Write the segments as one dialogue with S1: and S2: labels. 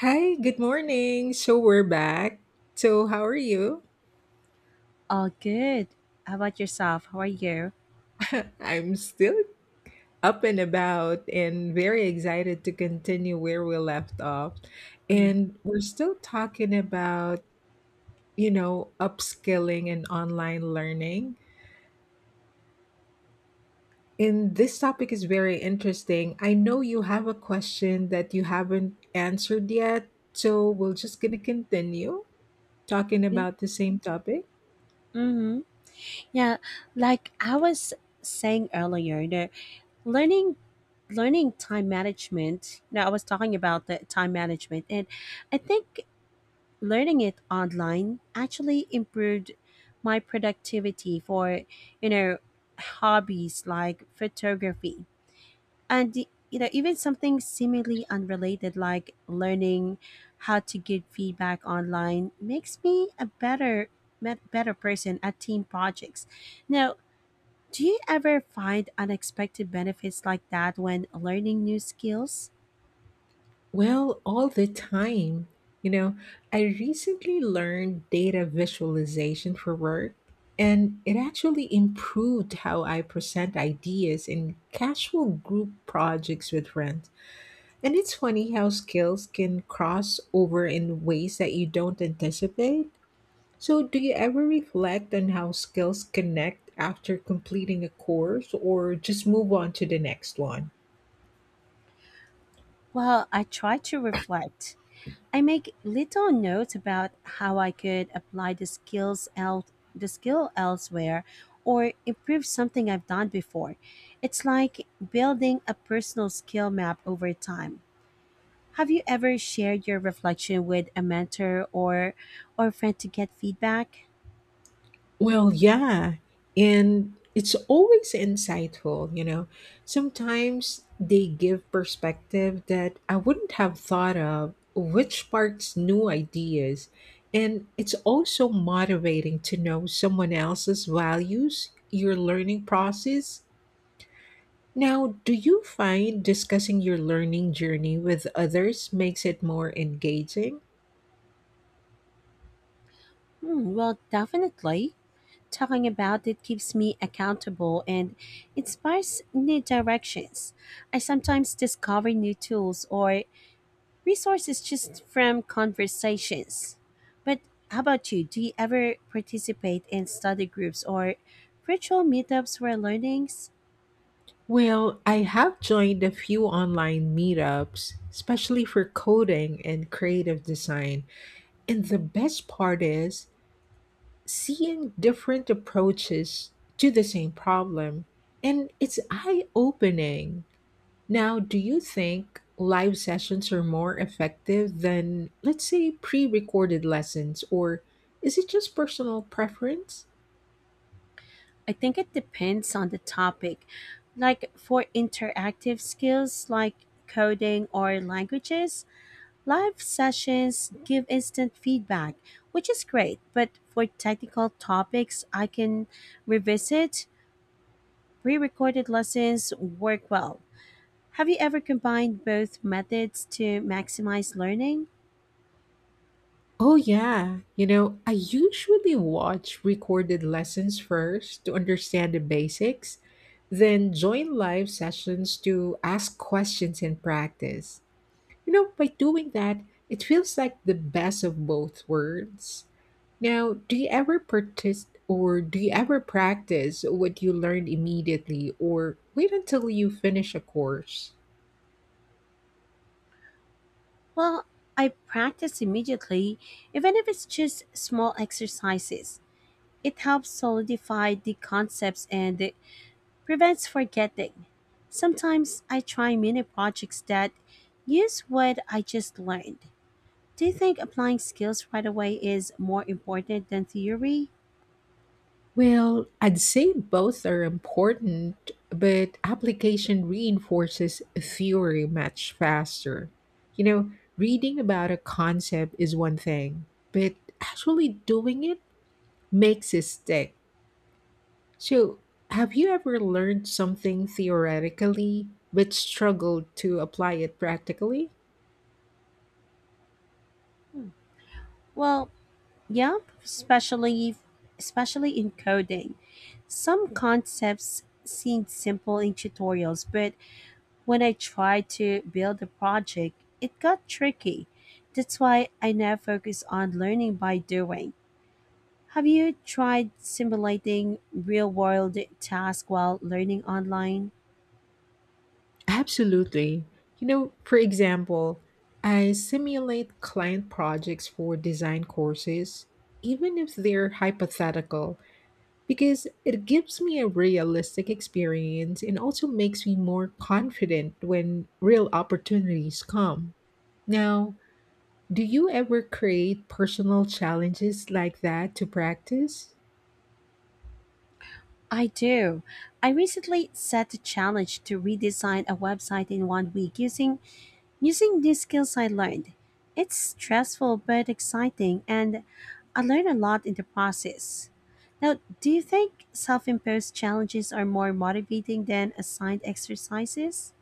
S1: Hi, good morning. So we're back. So, how are you?
S2: Oh, good. How about yourself? How are you?
S1: I'm still up and about and very excited to continue where we left off.
S2: Mm.
S1: And we're still talking about, upskilling and online learning. And this topic is very interesting. I know you have a question that you haven't answered yet. So, we're just going to continue talking
S2: Yeah.
S1: about the same topic?
S2: Mm-hmm. Yeah. Like I was saying earlier, the learning learning time management. Now I was talking about the time management, and I think learning it online actually improved my productivity for you know hobbies like photography and even something seemingly unrelated like learning how to give feedback online makes me a better person at team projects now. Do you ever find unexpected benefits like that when learning new skills?
S1: Well, all the time. You know, I recently learned data visualization for work, and it actually improved how I present ideas in casual group projects with friends. And it's funny how skills can cross over in ways that you don't anticipate. So, do you ever reflect on how skills connect after completing a course or just move on to the next one?
S2: Well, I try to reflect. I make little notes about how I could apply the the skill elsewhere or improve something I've done before. It's like building a personal skill map over time. Have you ever shared your reflection with a mentor or friend to get feedback?
S1: Well, yeah. And it's always insightful, you know. Sometimes they give perspective that I wouldn't have thought of, which sparks new ideas. And it's also motivating to know someone else's values, your learning process. Now, do you find discussing your learning journey with others makes it more engaging?
S2: Hmm, well, definitely. Talking about it keeps me accountable and inspires new directions. I sometimes discover new tools or resources just from conversations. But how about you? Do you ever participate in study groups or virtual meetups where learnings?
S1: Well, I have joined a few online meetups, especially for coding and creative design. And the best part is seeing different approaches to the same problem. And it's eye opening. Now, do you think live sessions are more effective than, let's say, pre recorded lessons, or is it just personal preference?
S2: I think it depends on the topic. Like for interactive skills like coding or languages, live sessions give instant feedback, which is great. But for technical topics, I can revisit. Pre recorded lessons work well. Have you ever combined both methods to maximize learning?
S1: Oh, yeah. You know, I usually watch recorded lessons first to understand the basics, then join live sessions to ask questions and practice. You know, by doing that, it feels like the best of both worlds. Now, do you ever practice or do you ever practice what you learned immediately or wait until you finish a course?
S2: Well, I practice immediately, even if it's just small exercises. It helps solidify the concepts and prevents forgetting. Sometimes I try mini projects that use what I just learned. Do you think applying skills right away is more important than theory?
S1: Well, I'd say both are important, but application reinforces theory much faster. You know, reading about a concept is one thing, but actually doing it makes it stick. So, have you ever learned something theoretically but struggled to apply it practically?
S2: Well, yeah, especially especially in coding. Some concepts seemed simple in tutorials, but when I tried to build a project, it got tricky. That's why I now focus on learning by doing. Have you tried simulating real world tasks while learning online?
S1: Absolutely. You know, for example, I simulate client projects for design courses, even if they're hypothetical, because it gives me a realistic experience and also makes me more confident when real opportunities come. Now, do you ever create personal challenges like that to practice?
S2: I do. I recently set a challenge to redesign a website in 1 week Using these skills I learned. It's stressful but exciting, and I learn a lot in the process. Now, do you think self imposed challenges are more motivating than assigned exercises?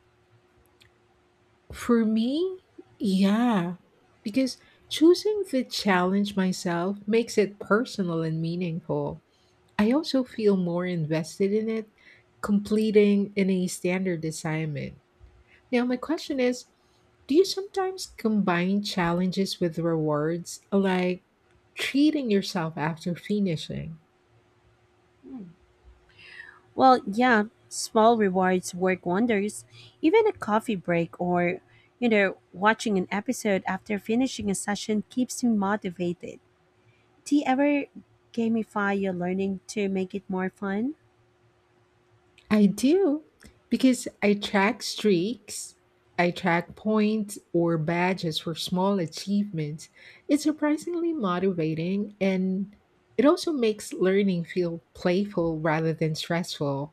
S1: For me, yeah, because choosing to challenge myself makes it personal and meaningful. I also feel more invested in it, completing any standard assignment. Now, my question is, do you sometimes combine challenges with rewards, like treating yourself after finishing?
S2: Well, yeah, small rewards work wonders. Even a coffee break or, watching an episode after finishing a session keeps me motivated. Do you ever gamify your learning to make it more fun?
S1: I do because I track streaks, I track points or badges for small achievements. It's surprisingly motivating and it also makes learning feel playful rather than stressful.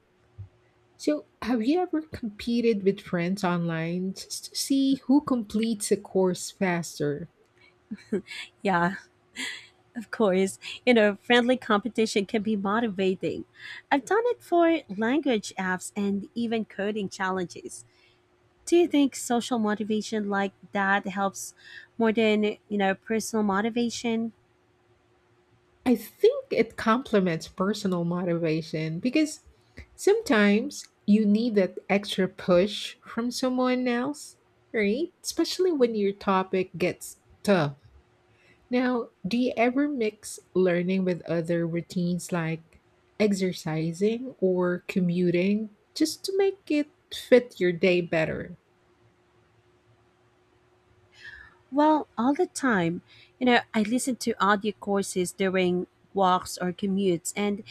S1: So, have you ever competed with friends online just to see who completes a course faster?
S2: Yeah, of course, friendly competition can be motivating. I've done it for language apps and even coding challenges. Do you think social motivation like that helps more than, personal motivation?
S1: I think it complements personal motivation because sometimes you need that extra push from someone else, right? Especially when your topic gets tough. Now, do you ever mix learning with other routines like exercising or commuting just to make it fit your day better?
S2: Well, all the time. You know, I listen to audio courses during walks or commutes and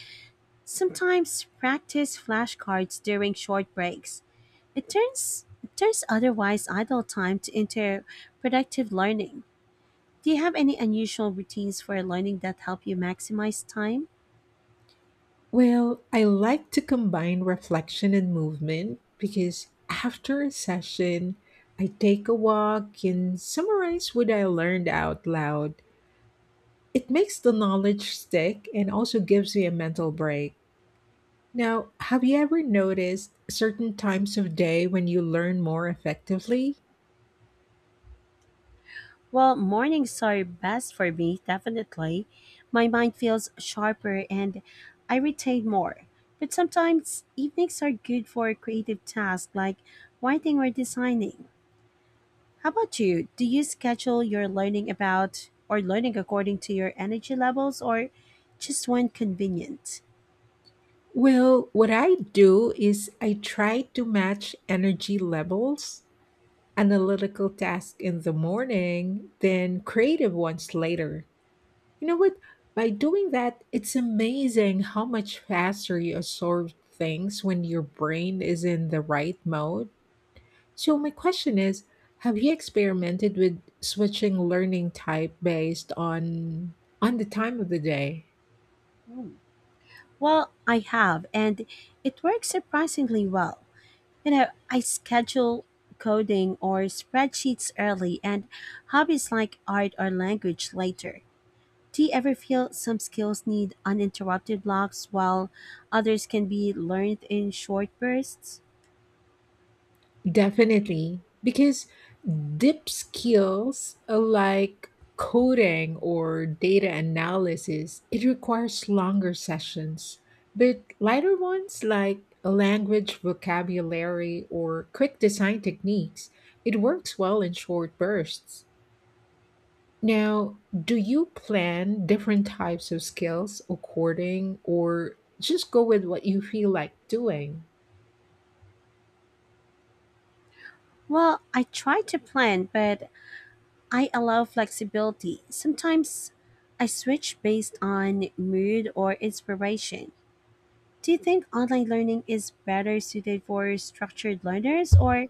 S2: sometimes practice flashcards during short breaks. It turns otherwise idle time to into productive learning. Do you have any unusual routines for learning that help you maximize time?
S1: Well, I like to combine reflection and movement because after a session, I take a walk and summarize what I learned out loud. It makes the knowledge stick and also gives me a mental break. Now, have you ever noticed certain times of day when you learn more effectively?
S2: Well, mornings are best for me, definitely. My mind feels sharper and I retain more. But sometimes evenings are good for creative tasks like writing or designing. How about you? Do you schedule your learning about or learning according to your energy levels or just when convenient?
S1: Well, what I do is I try to match energy levels, analytical tasks in the morning, then creative ones later. You know what? By doing that, it's amazing how much faster you absorb things when your brain is in the right mode. So, my question is, have you experimented with switching learning type based on the time of the day?
S2: Well, I have, and it works surprisingly well. You know, I schedule coding or spreadsheets early and hobbies like art or language later. Do you ever feel some skills need uninterrupted blocks while others can be learned in short bursts?
S1: Definitely, because deep skills like coding or data analysis, it requires longer sessions. But lighter ones like a language vocabulary or quick design techniques, it works well in short bursts. Now, do you plan different types of skills according or just go with what you feel like doing?
S2: Well, I try to plan, but I allow flexibility. Sometimes I switch based on mood or inspiration. Do you think online learning is better suited for structured learners, or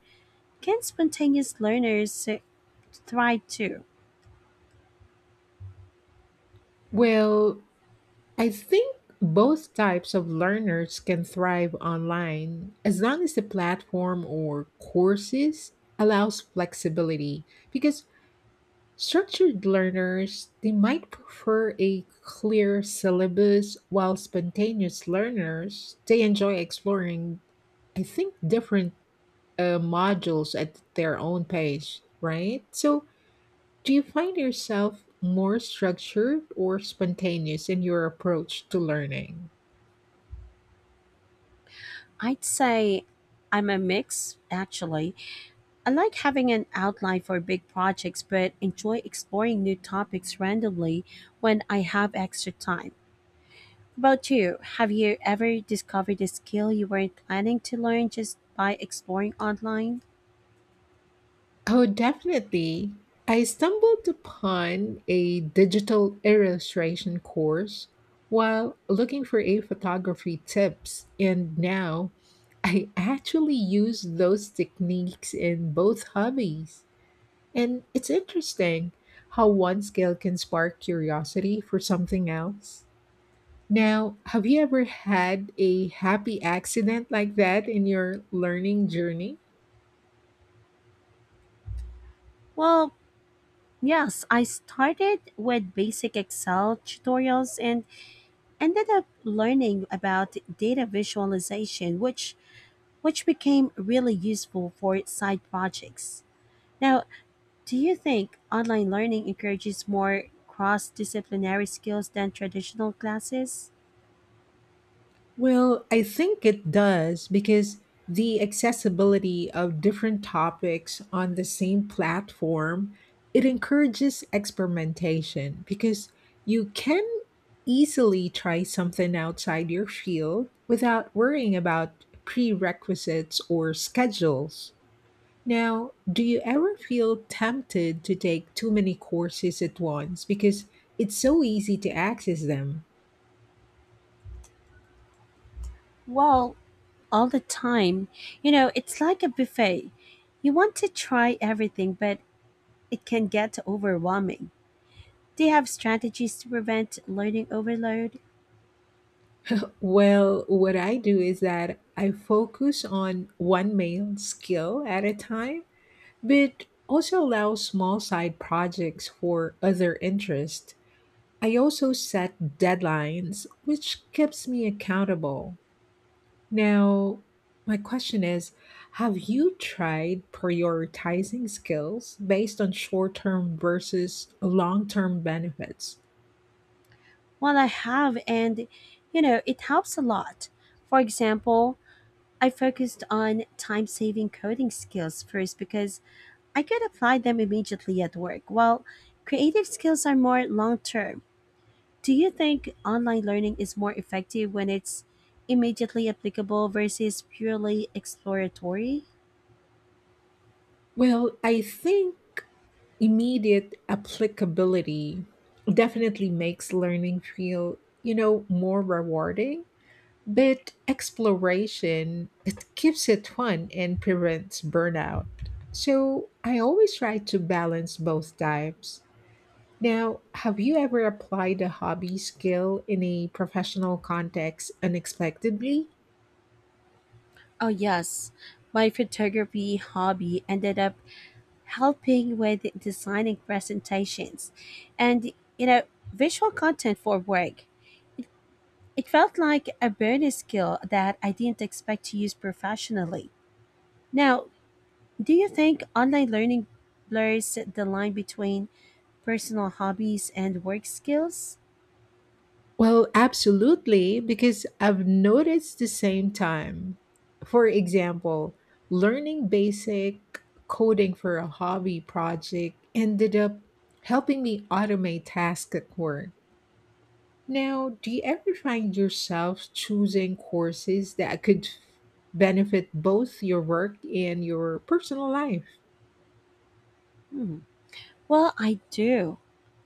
S2: can spontaneous learners thrive too?
S1: Well, I think both types of learners can thrive online as long as the platform or courses allows flexibility because structured learners they might prefer a clear syllabus while spontaneous learners they enjoy exploring I think different modules at their own pace, right? So do you find yourself more structured or spontaneous in your approach to learning?
S2: I'd say I'm a mix, actually. I like having an outline for big projects, but enjoy exploring new topics randomly when I have extra time. About you, have you ever discovered a skill you weren't planning to learn just by exploring online?
S1: Oh, definitely. I stumbled upon a digital illustration course while looking for a photography tips, and now I actually use those techniques in both hobbies. And it's interesting how one skill can spark curiosity for something else. Now, have you ever had a happy accident like that in your learning journey?
S2: Well, yes, I started with basic Excel tutorials and ended up learning about data visualization, which became really useful for its side projects. Now, do you think online learning encourages more cross disciplinary skills than traditional classes?
S1: Well, I think it does because the accessibility of different topics on the same platform, it encourages experimentation because you can easily try something outside your field without worrying about prerequisites or schedules. Now, do you ever feel tempted to take too many courses at once because it's so easy to access them?
S2: Well, all the time. You know, it's like a buffet. You want to try everything, but it can get overwhelming. Do you have strategies to prevent learning overload?
S1: Well, what I do is that I focus on one main skill at a time, but also allow small side projects for other interests. I also set deadlines, which keeps me accountable. Now, my question is, have you tried prioritizing skills based on short term versus long term benefits?
S2: Well, I have, and you know, it helps a lot. For example, I focused on time saving coding skills first because I could apply them immediately at work, while creative skills are more long term. Do you think online learning is more effective when it's immediately applicable versus purely exploratory?
S1: Well, I think immediate applicability definitely makes learning feel, you know, more rewarding. But exploration, it keeps it fun and prevents burnout. So I always try to balance both types. Now, have you ever applied a hobby skill in a professional context unexpectedly?
S2: Oh, yes. My photography hobby ended up helping with designing presentations and, you know, visual content for work. It felt like a bonus skill that I didn't expect to use professionally. Now, do you think online learning blurs the line between personal hobbies and work skills?
S1: Well, absolutely, because I've noticed the same time. For example, learning basic coding for a hobby project ended up helping me automate tasks at work. Now, do you ever find yourself choosing courses that could benefit both your work and your personal life?
S2: Hmm. Well,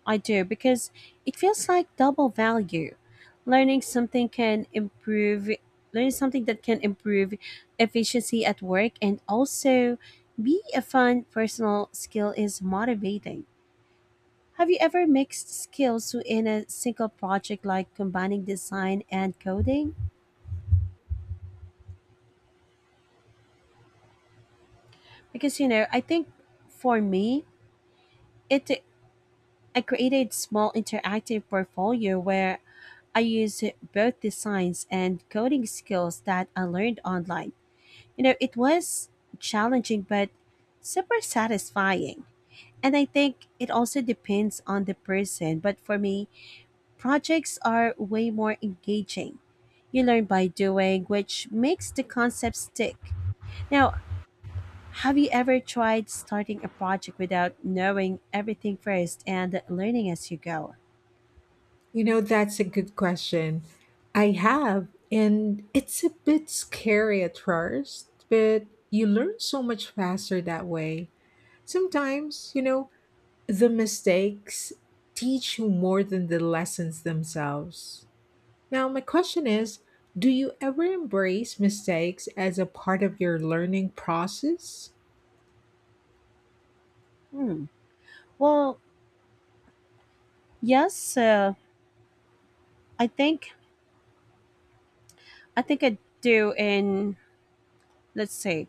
S2: I do because it feels like double value. Learning something can improve Learning something that can improve efficiency at work and also be a fun personal skill is motivating. Have you ever mixed skills in a single project like combining design and coding? Because, you know, I think for me, it I created small interactive portfolio where I used both designs and coding skills that I learned online. You know, it was challenging but super satisfying. And I think it also depends on the person, but for me, projects are way more engaging. You learn by doing, which makes the concept stick. Now, have you ever tried starting a project without knowing everything first and learning as you go?
S1: You know, that's a good question. I have, and it's a bit scary at first, but you learn so much faster that way. Sometimes, you know, the mistakes teach you more than the lessons themselves. Now, my question is, do you ever embrace mistakes as a part of your learning process?
S2: Hmm. Well, yes. I think I do. In Let's say,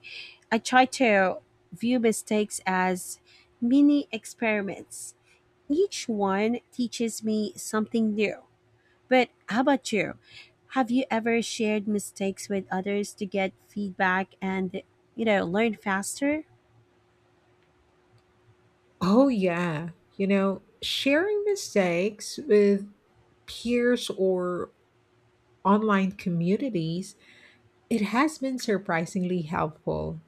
S2: I try to view mistakes as mini experiments. Each one teaches me something new. But how about you? Have you ever shared mistakes with others to get feedback and you know learn faster?
S1: Oh, yeah. You know, sharing mistakes with peers or online communities, it has been surprisingly helpful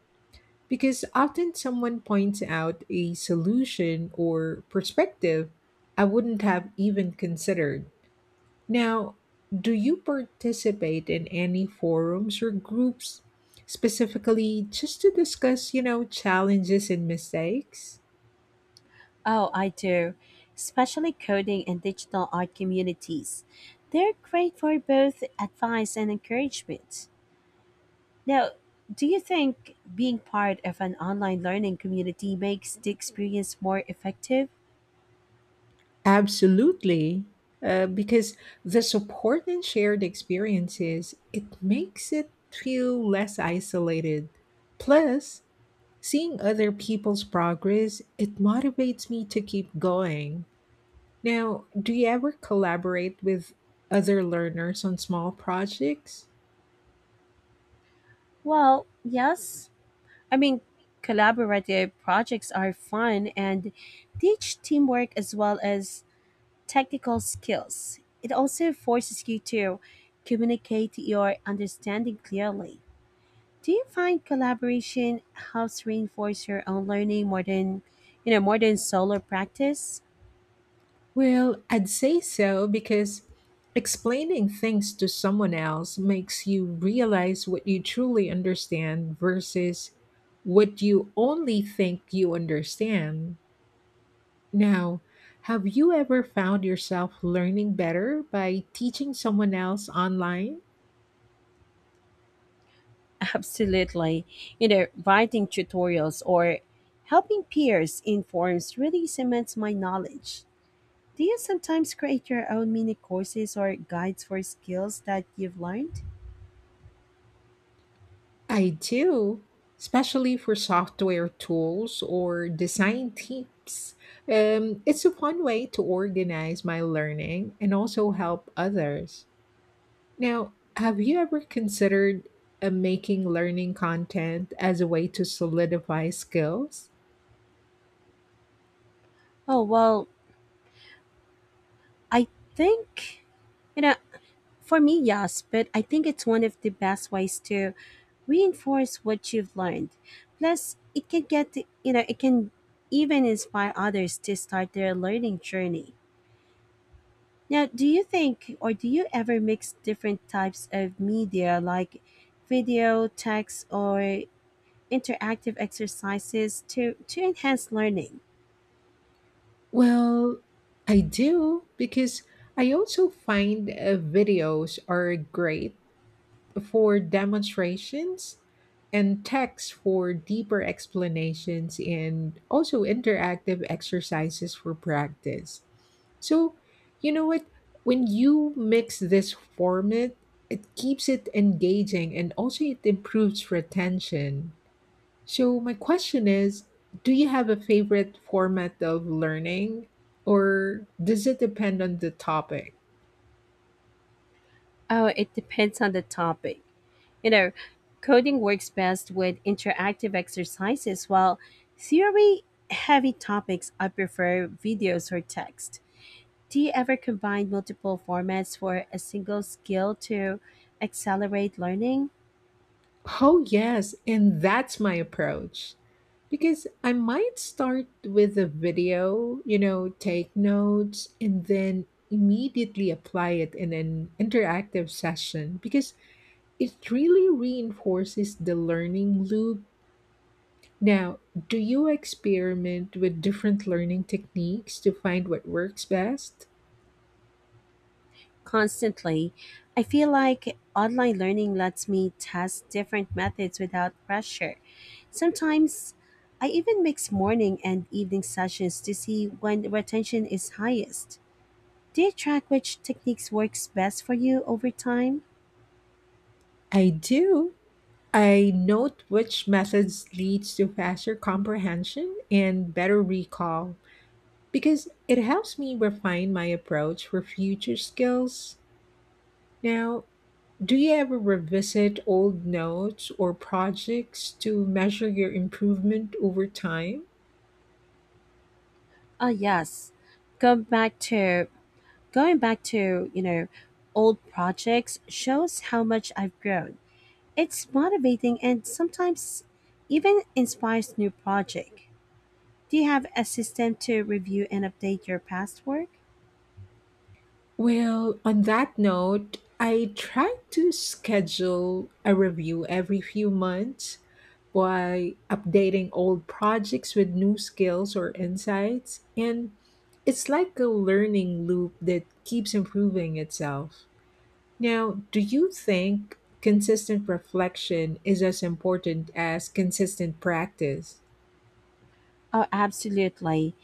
S1: because often someone points out a solution or perspective I wouldn't have even considered. Now, do you participate in any forums or groups specifically just to discuss, you know, challenges and mistakes?
S2: Oh, I do, especially coding and digital art communities. They're great for both advice and encouragement. Now, do you think being part of an online learning community makes the experience more effective?
S1: Absolutely. Because the support and shared experiences, it makes it feel less isolated. Plus, seeing other people's progress, it motivates me to keep going. Now, do you ever collaborate with other learners on small projects?
S2: Well, yes. I mean, collaborative projects are fun and teach teamwork as well as technical skills. It also forces you to communicate your understanding clearly. Do you find collaboration helps reinforce your own learning more than, solo practice?
S1: Well, I'd say so because explaining things to someone else makes you realize what you truly understand versus what you only think you understand. Now, have you ever found yourself learning better by teaching someone else online?
S2: Absolutely. You know, writing tutorials or helping peers in forums really cements my knowledge. Do you sometimes create your own mini courses or guides for skills that you've learned?
S1: I do, especially for software tools or design tips. It's a fun way to organize my learning and also help others. Now, have you ever considered making learning content as a way to solidify skills?
S2: Oh, well, I think, you know, for me, yes, but I think it's one of the best ways to reinforce what you've learned. Plus, it can get, you know, it can even inspire others to start their learning journey. Now, do you ever mix different types of media like video, text, or interactive exercises to enhance learning?
S1: Well, I do because I also find videos are great for demonstrations and text for deeper explanations and also interactive exercises for practice. So, you know what? When you mix this format, it keeps it engaging and also it improves retention. So, my question is, do you have a favorite format of learning or does it depend on the topic?
S2: Oh, it depends on the topic. You know, coding works best with interactive exercises, while theory heavy topics I prefer videos or text. Do you ever combine multiple formats for a single skill to accelerate learning?
S1: Oh, yes, and that's my approach. Because I might start with a video, you know, take notes, and then immediately apply it in an interactive session because it really reinforces the learning loop. Now, do you experiment with different learning techniques to find what works best?
S2: Constantly. I feel like online learning lets me test different methods without pressure. Sometimes I even mix morning and evening sessions to see when retention is highest. Do you track which techniques works best for you over time?
S1: I do. I note which methods leads to faster comprehension and better recall because it helps me refine my approach for future skills. Now, do you ever revisit old notes or projects to measure your improvement over time?
S2: Ah, yes. Go back to Going back to, old projects shows how much I've grown. It's motivating and sometimes even inspires new project. Do you have a system to review and update your past work?
S1: Well, on that note, I try to schedule a review every few months by updating old projects with new skills or insights, and it's like a learning loop that keeps improving itself. Now, do you think consistent reflection is as important as consistent practice?
S2: Oh, absolutely.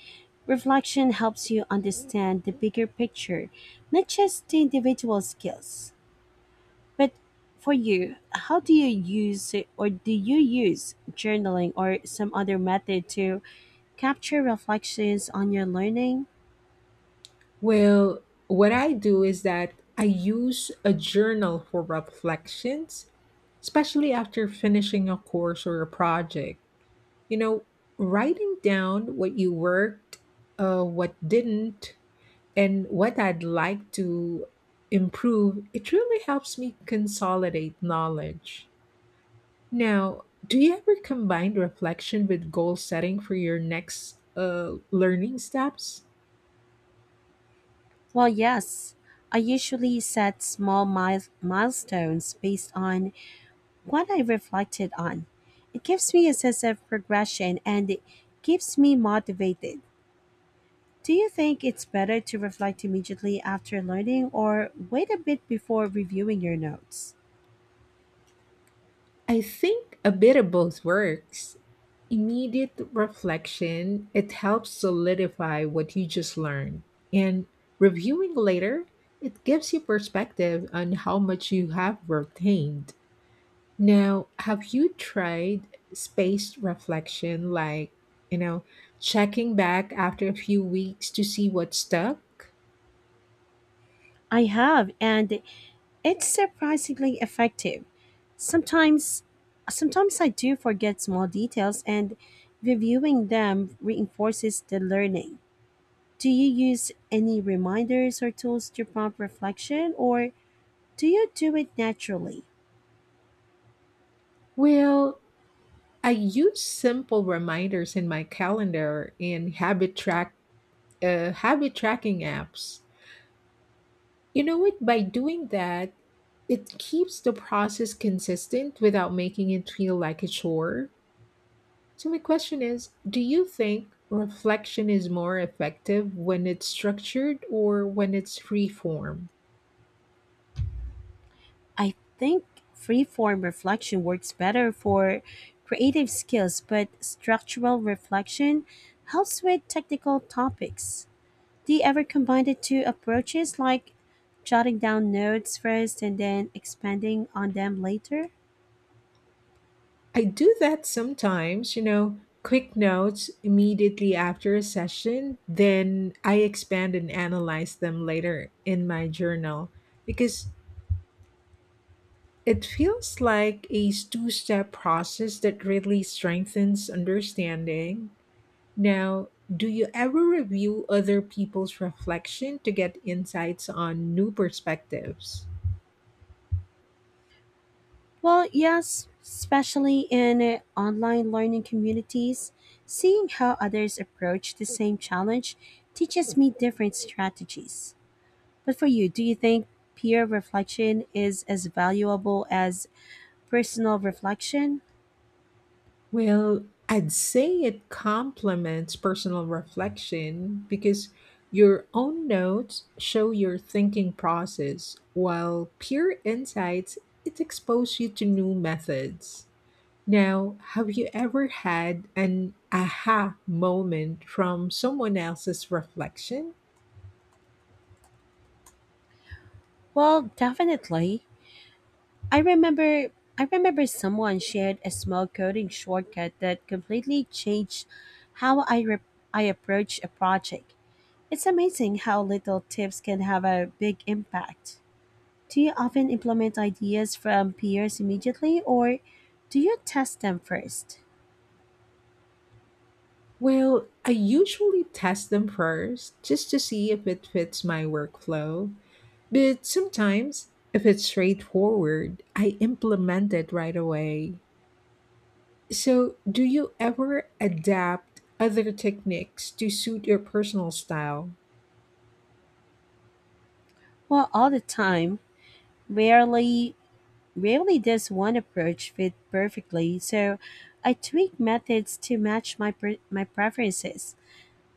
S2: Reflection helps you understand the bigger picture, not just the individual skills. But for you, how do you use or do you use journaling or some other method to capture reflections on your learning?
S1: Well, what I do is that I use a journal for reflections, especially after finishing a course or a project. You know, writing down what you worked, what didn't, and what I'd like to improve, it really helps me consolidate knowledge. Now, do you ever combine reflection with goal setting for your next learning steps?
S2: Well, yes. I usually set milestones based on what I reflected on. It gives me a sense of progression and it keeps me motivated. Do you think it's better to reflect immediately after learning or wait a bit before reviewing your notes?
S1: I think a bit of both works. Immediate reflection, it helps solidify what you just learned. And reviewing later, it gives you perspective on how much you have retained. Now, have you tried spaced reflection, like, you know, checking back after a few weeks to see what stuck?
S2: I have, and it's surprisingly effective. Sometimes sometimes I do forget small details and reviewing them reinforces the learning. Do you use any reminders or tools to prompt reflection, or do you do it naturally?
S1: Well, I use simple reminders in my calendar and habit tracking apps. You know what? By doing that, it keeps the process consistent without making it feel like a chore. So my question is, do you think reflection is more effective when it's structured or when it's free form?
S2: I think free-form reflection works better for creative skills, but structural reflection helps with technical topics. Do you ever combine the two approaches, like jotting down notes first and then expanding on them later?
S1: I do that sometimes, you know, quick notes immediately after a session, then I expand and analyze them later in my journal because it feels like a two step process that really strengthens understanding. Now, do you ever review other people's reflection to get insights on new perspectives?
S2: Well, yes, especially in online learning communities, seeing how others approach the same challenge teaches me different strategies. But for you, do you think peer reflection is as valuable as personal reflection?
S1: Well, I'd say it complements personal reflection because your own notes show your thinking process, while peer insights it exposes you to new methods. Now, have you ever had an aha moment from someone else's reflection?
S2: Well, definitely. I remember I remember someone shared a small coding shortcut that completely changed how I re- I approach a project. It's amazing how little tips can have a big impact. Do you often implement ideas from peers immediately or do you test them first?
S1: Well, I usually test them first just to see if it fits my workflow. But sometimes, if it's straightforward, I implement it right away. So, do you ever adapt other techniques to suit your personal style?
S2: Well, all the time. Rarely rarely does one approach fit perfectly, so I tweak methods to match my preferences.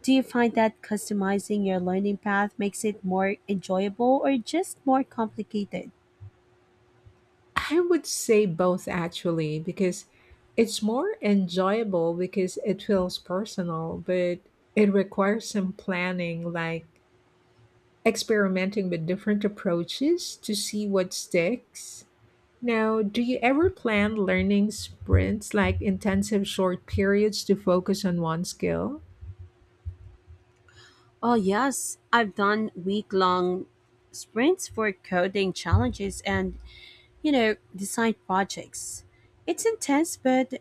S2: Do you find that customizing your learning path makes it more enjoyable or just more complicated?
S1: I would say both actually, because it's more enjoyable because it feels personal, but it requires some planning, like experimenting with different approaches to see what sticks. Now, do you ever plan learning sprints like intensive short periods to focus on one skill?
S2: Oh, yes. I've done week long sprints for coding challenges and, design projects. It's intense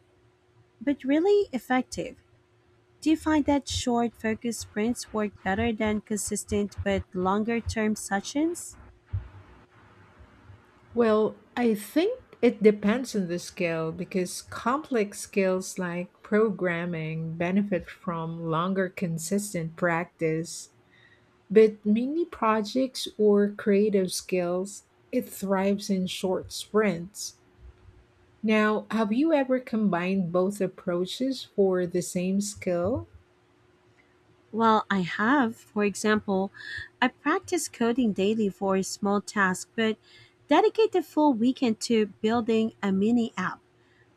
S2: but really effective. Do you find that short focus sprints work better than consistent but longer term sessions?
S1: Well, I think it depends on the skill because complex skills like programming benefit from longer consistent practice. But mini projects or creative skills, it thrives in short sprints. Now, have you ever combined both approaches for the same skill?
S2: Well, I have. For example, I practice coding daily for a small task, but dedicate the full weekend to building a mini app.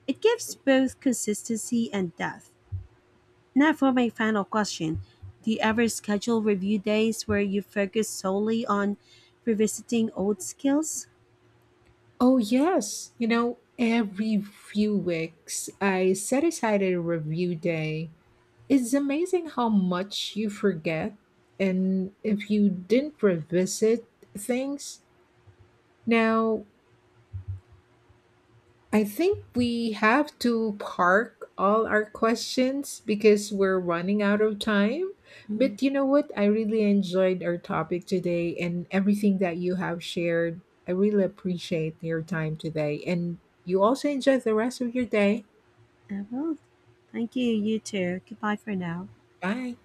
S2: It gives both consistency and depth. Now for my final question. Do you ever schedule review days where you focus solely on revisiting old skills?
S1: Oh, yes. You know, every few weeks I set aside a review day. It's amazing how much you forget. And if you didn't revisit things, now I think we have to park all our questions because we're running out of time.
S2: Mhm.
S1: But you know what? I really enjoyed our topic today and everything that you have shared. I really appreciate your time today. And you also enjoy the rest of your day.
S2: I will. Thank you, you too. Goodbye for now.
S1: Bye.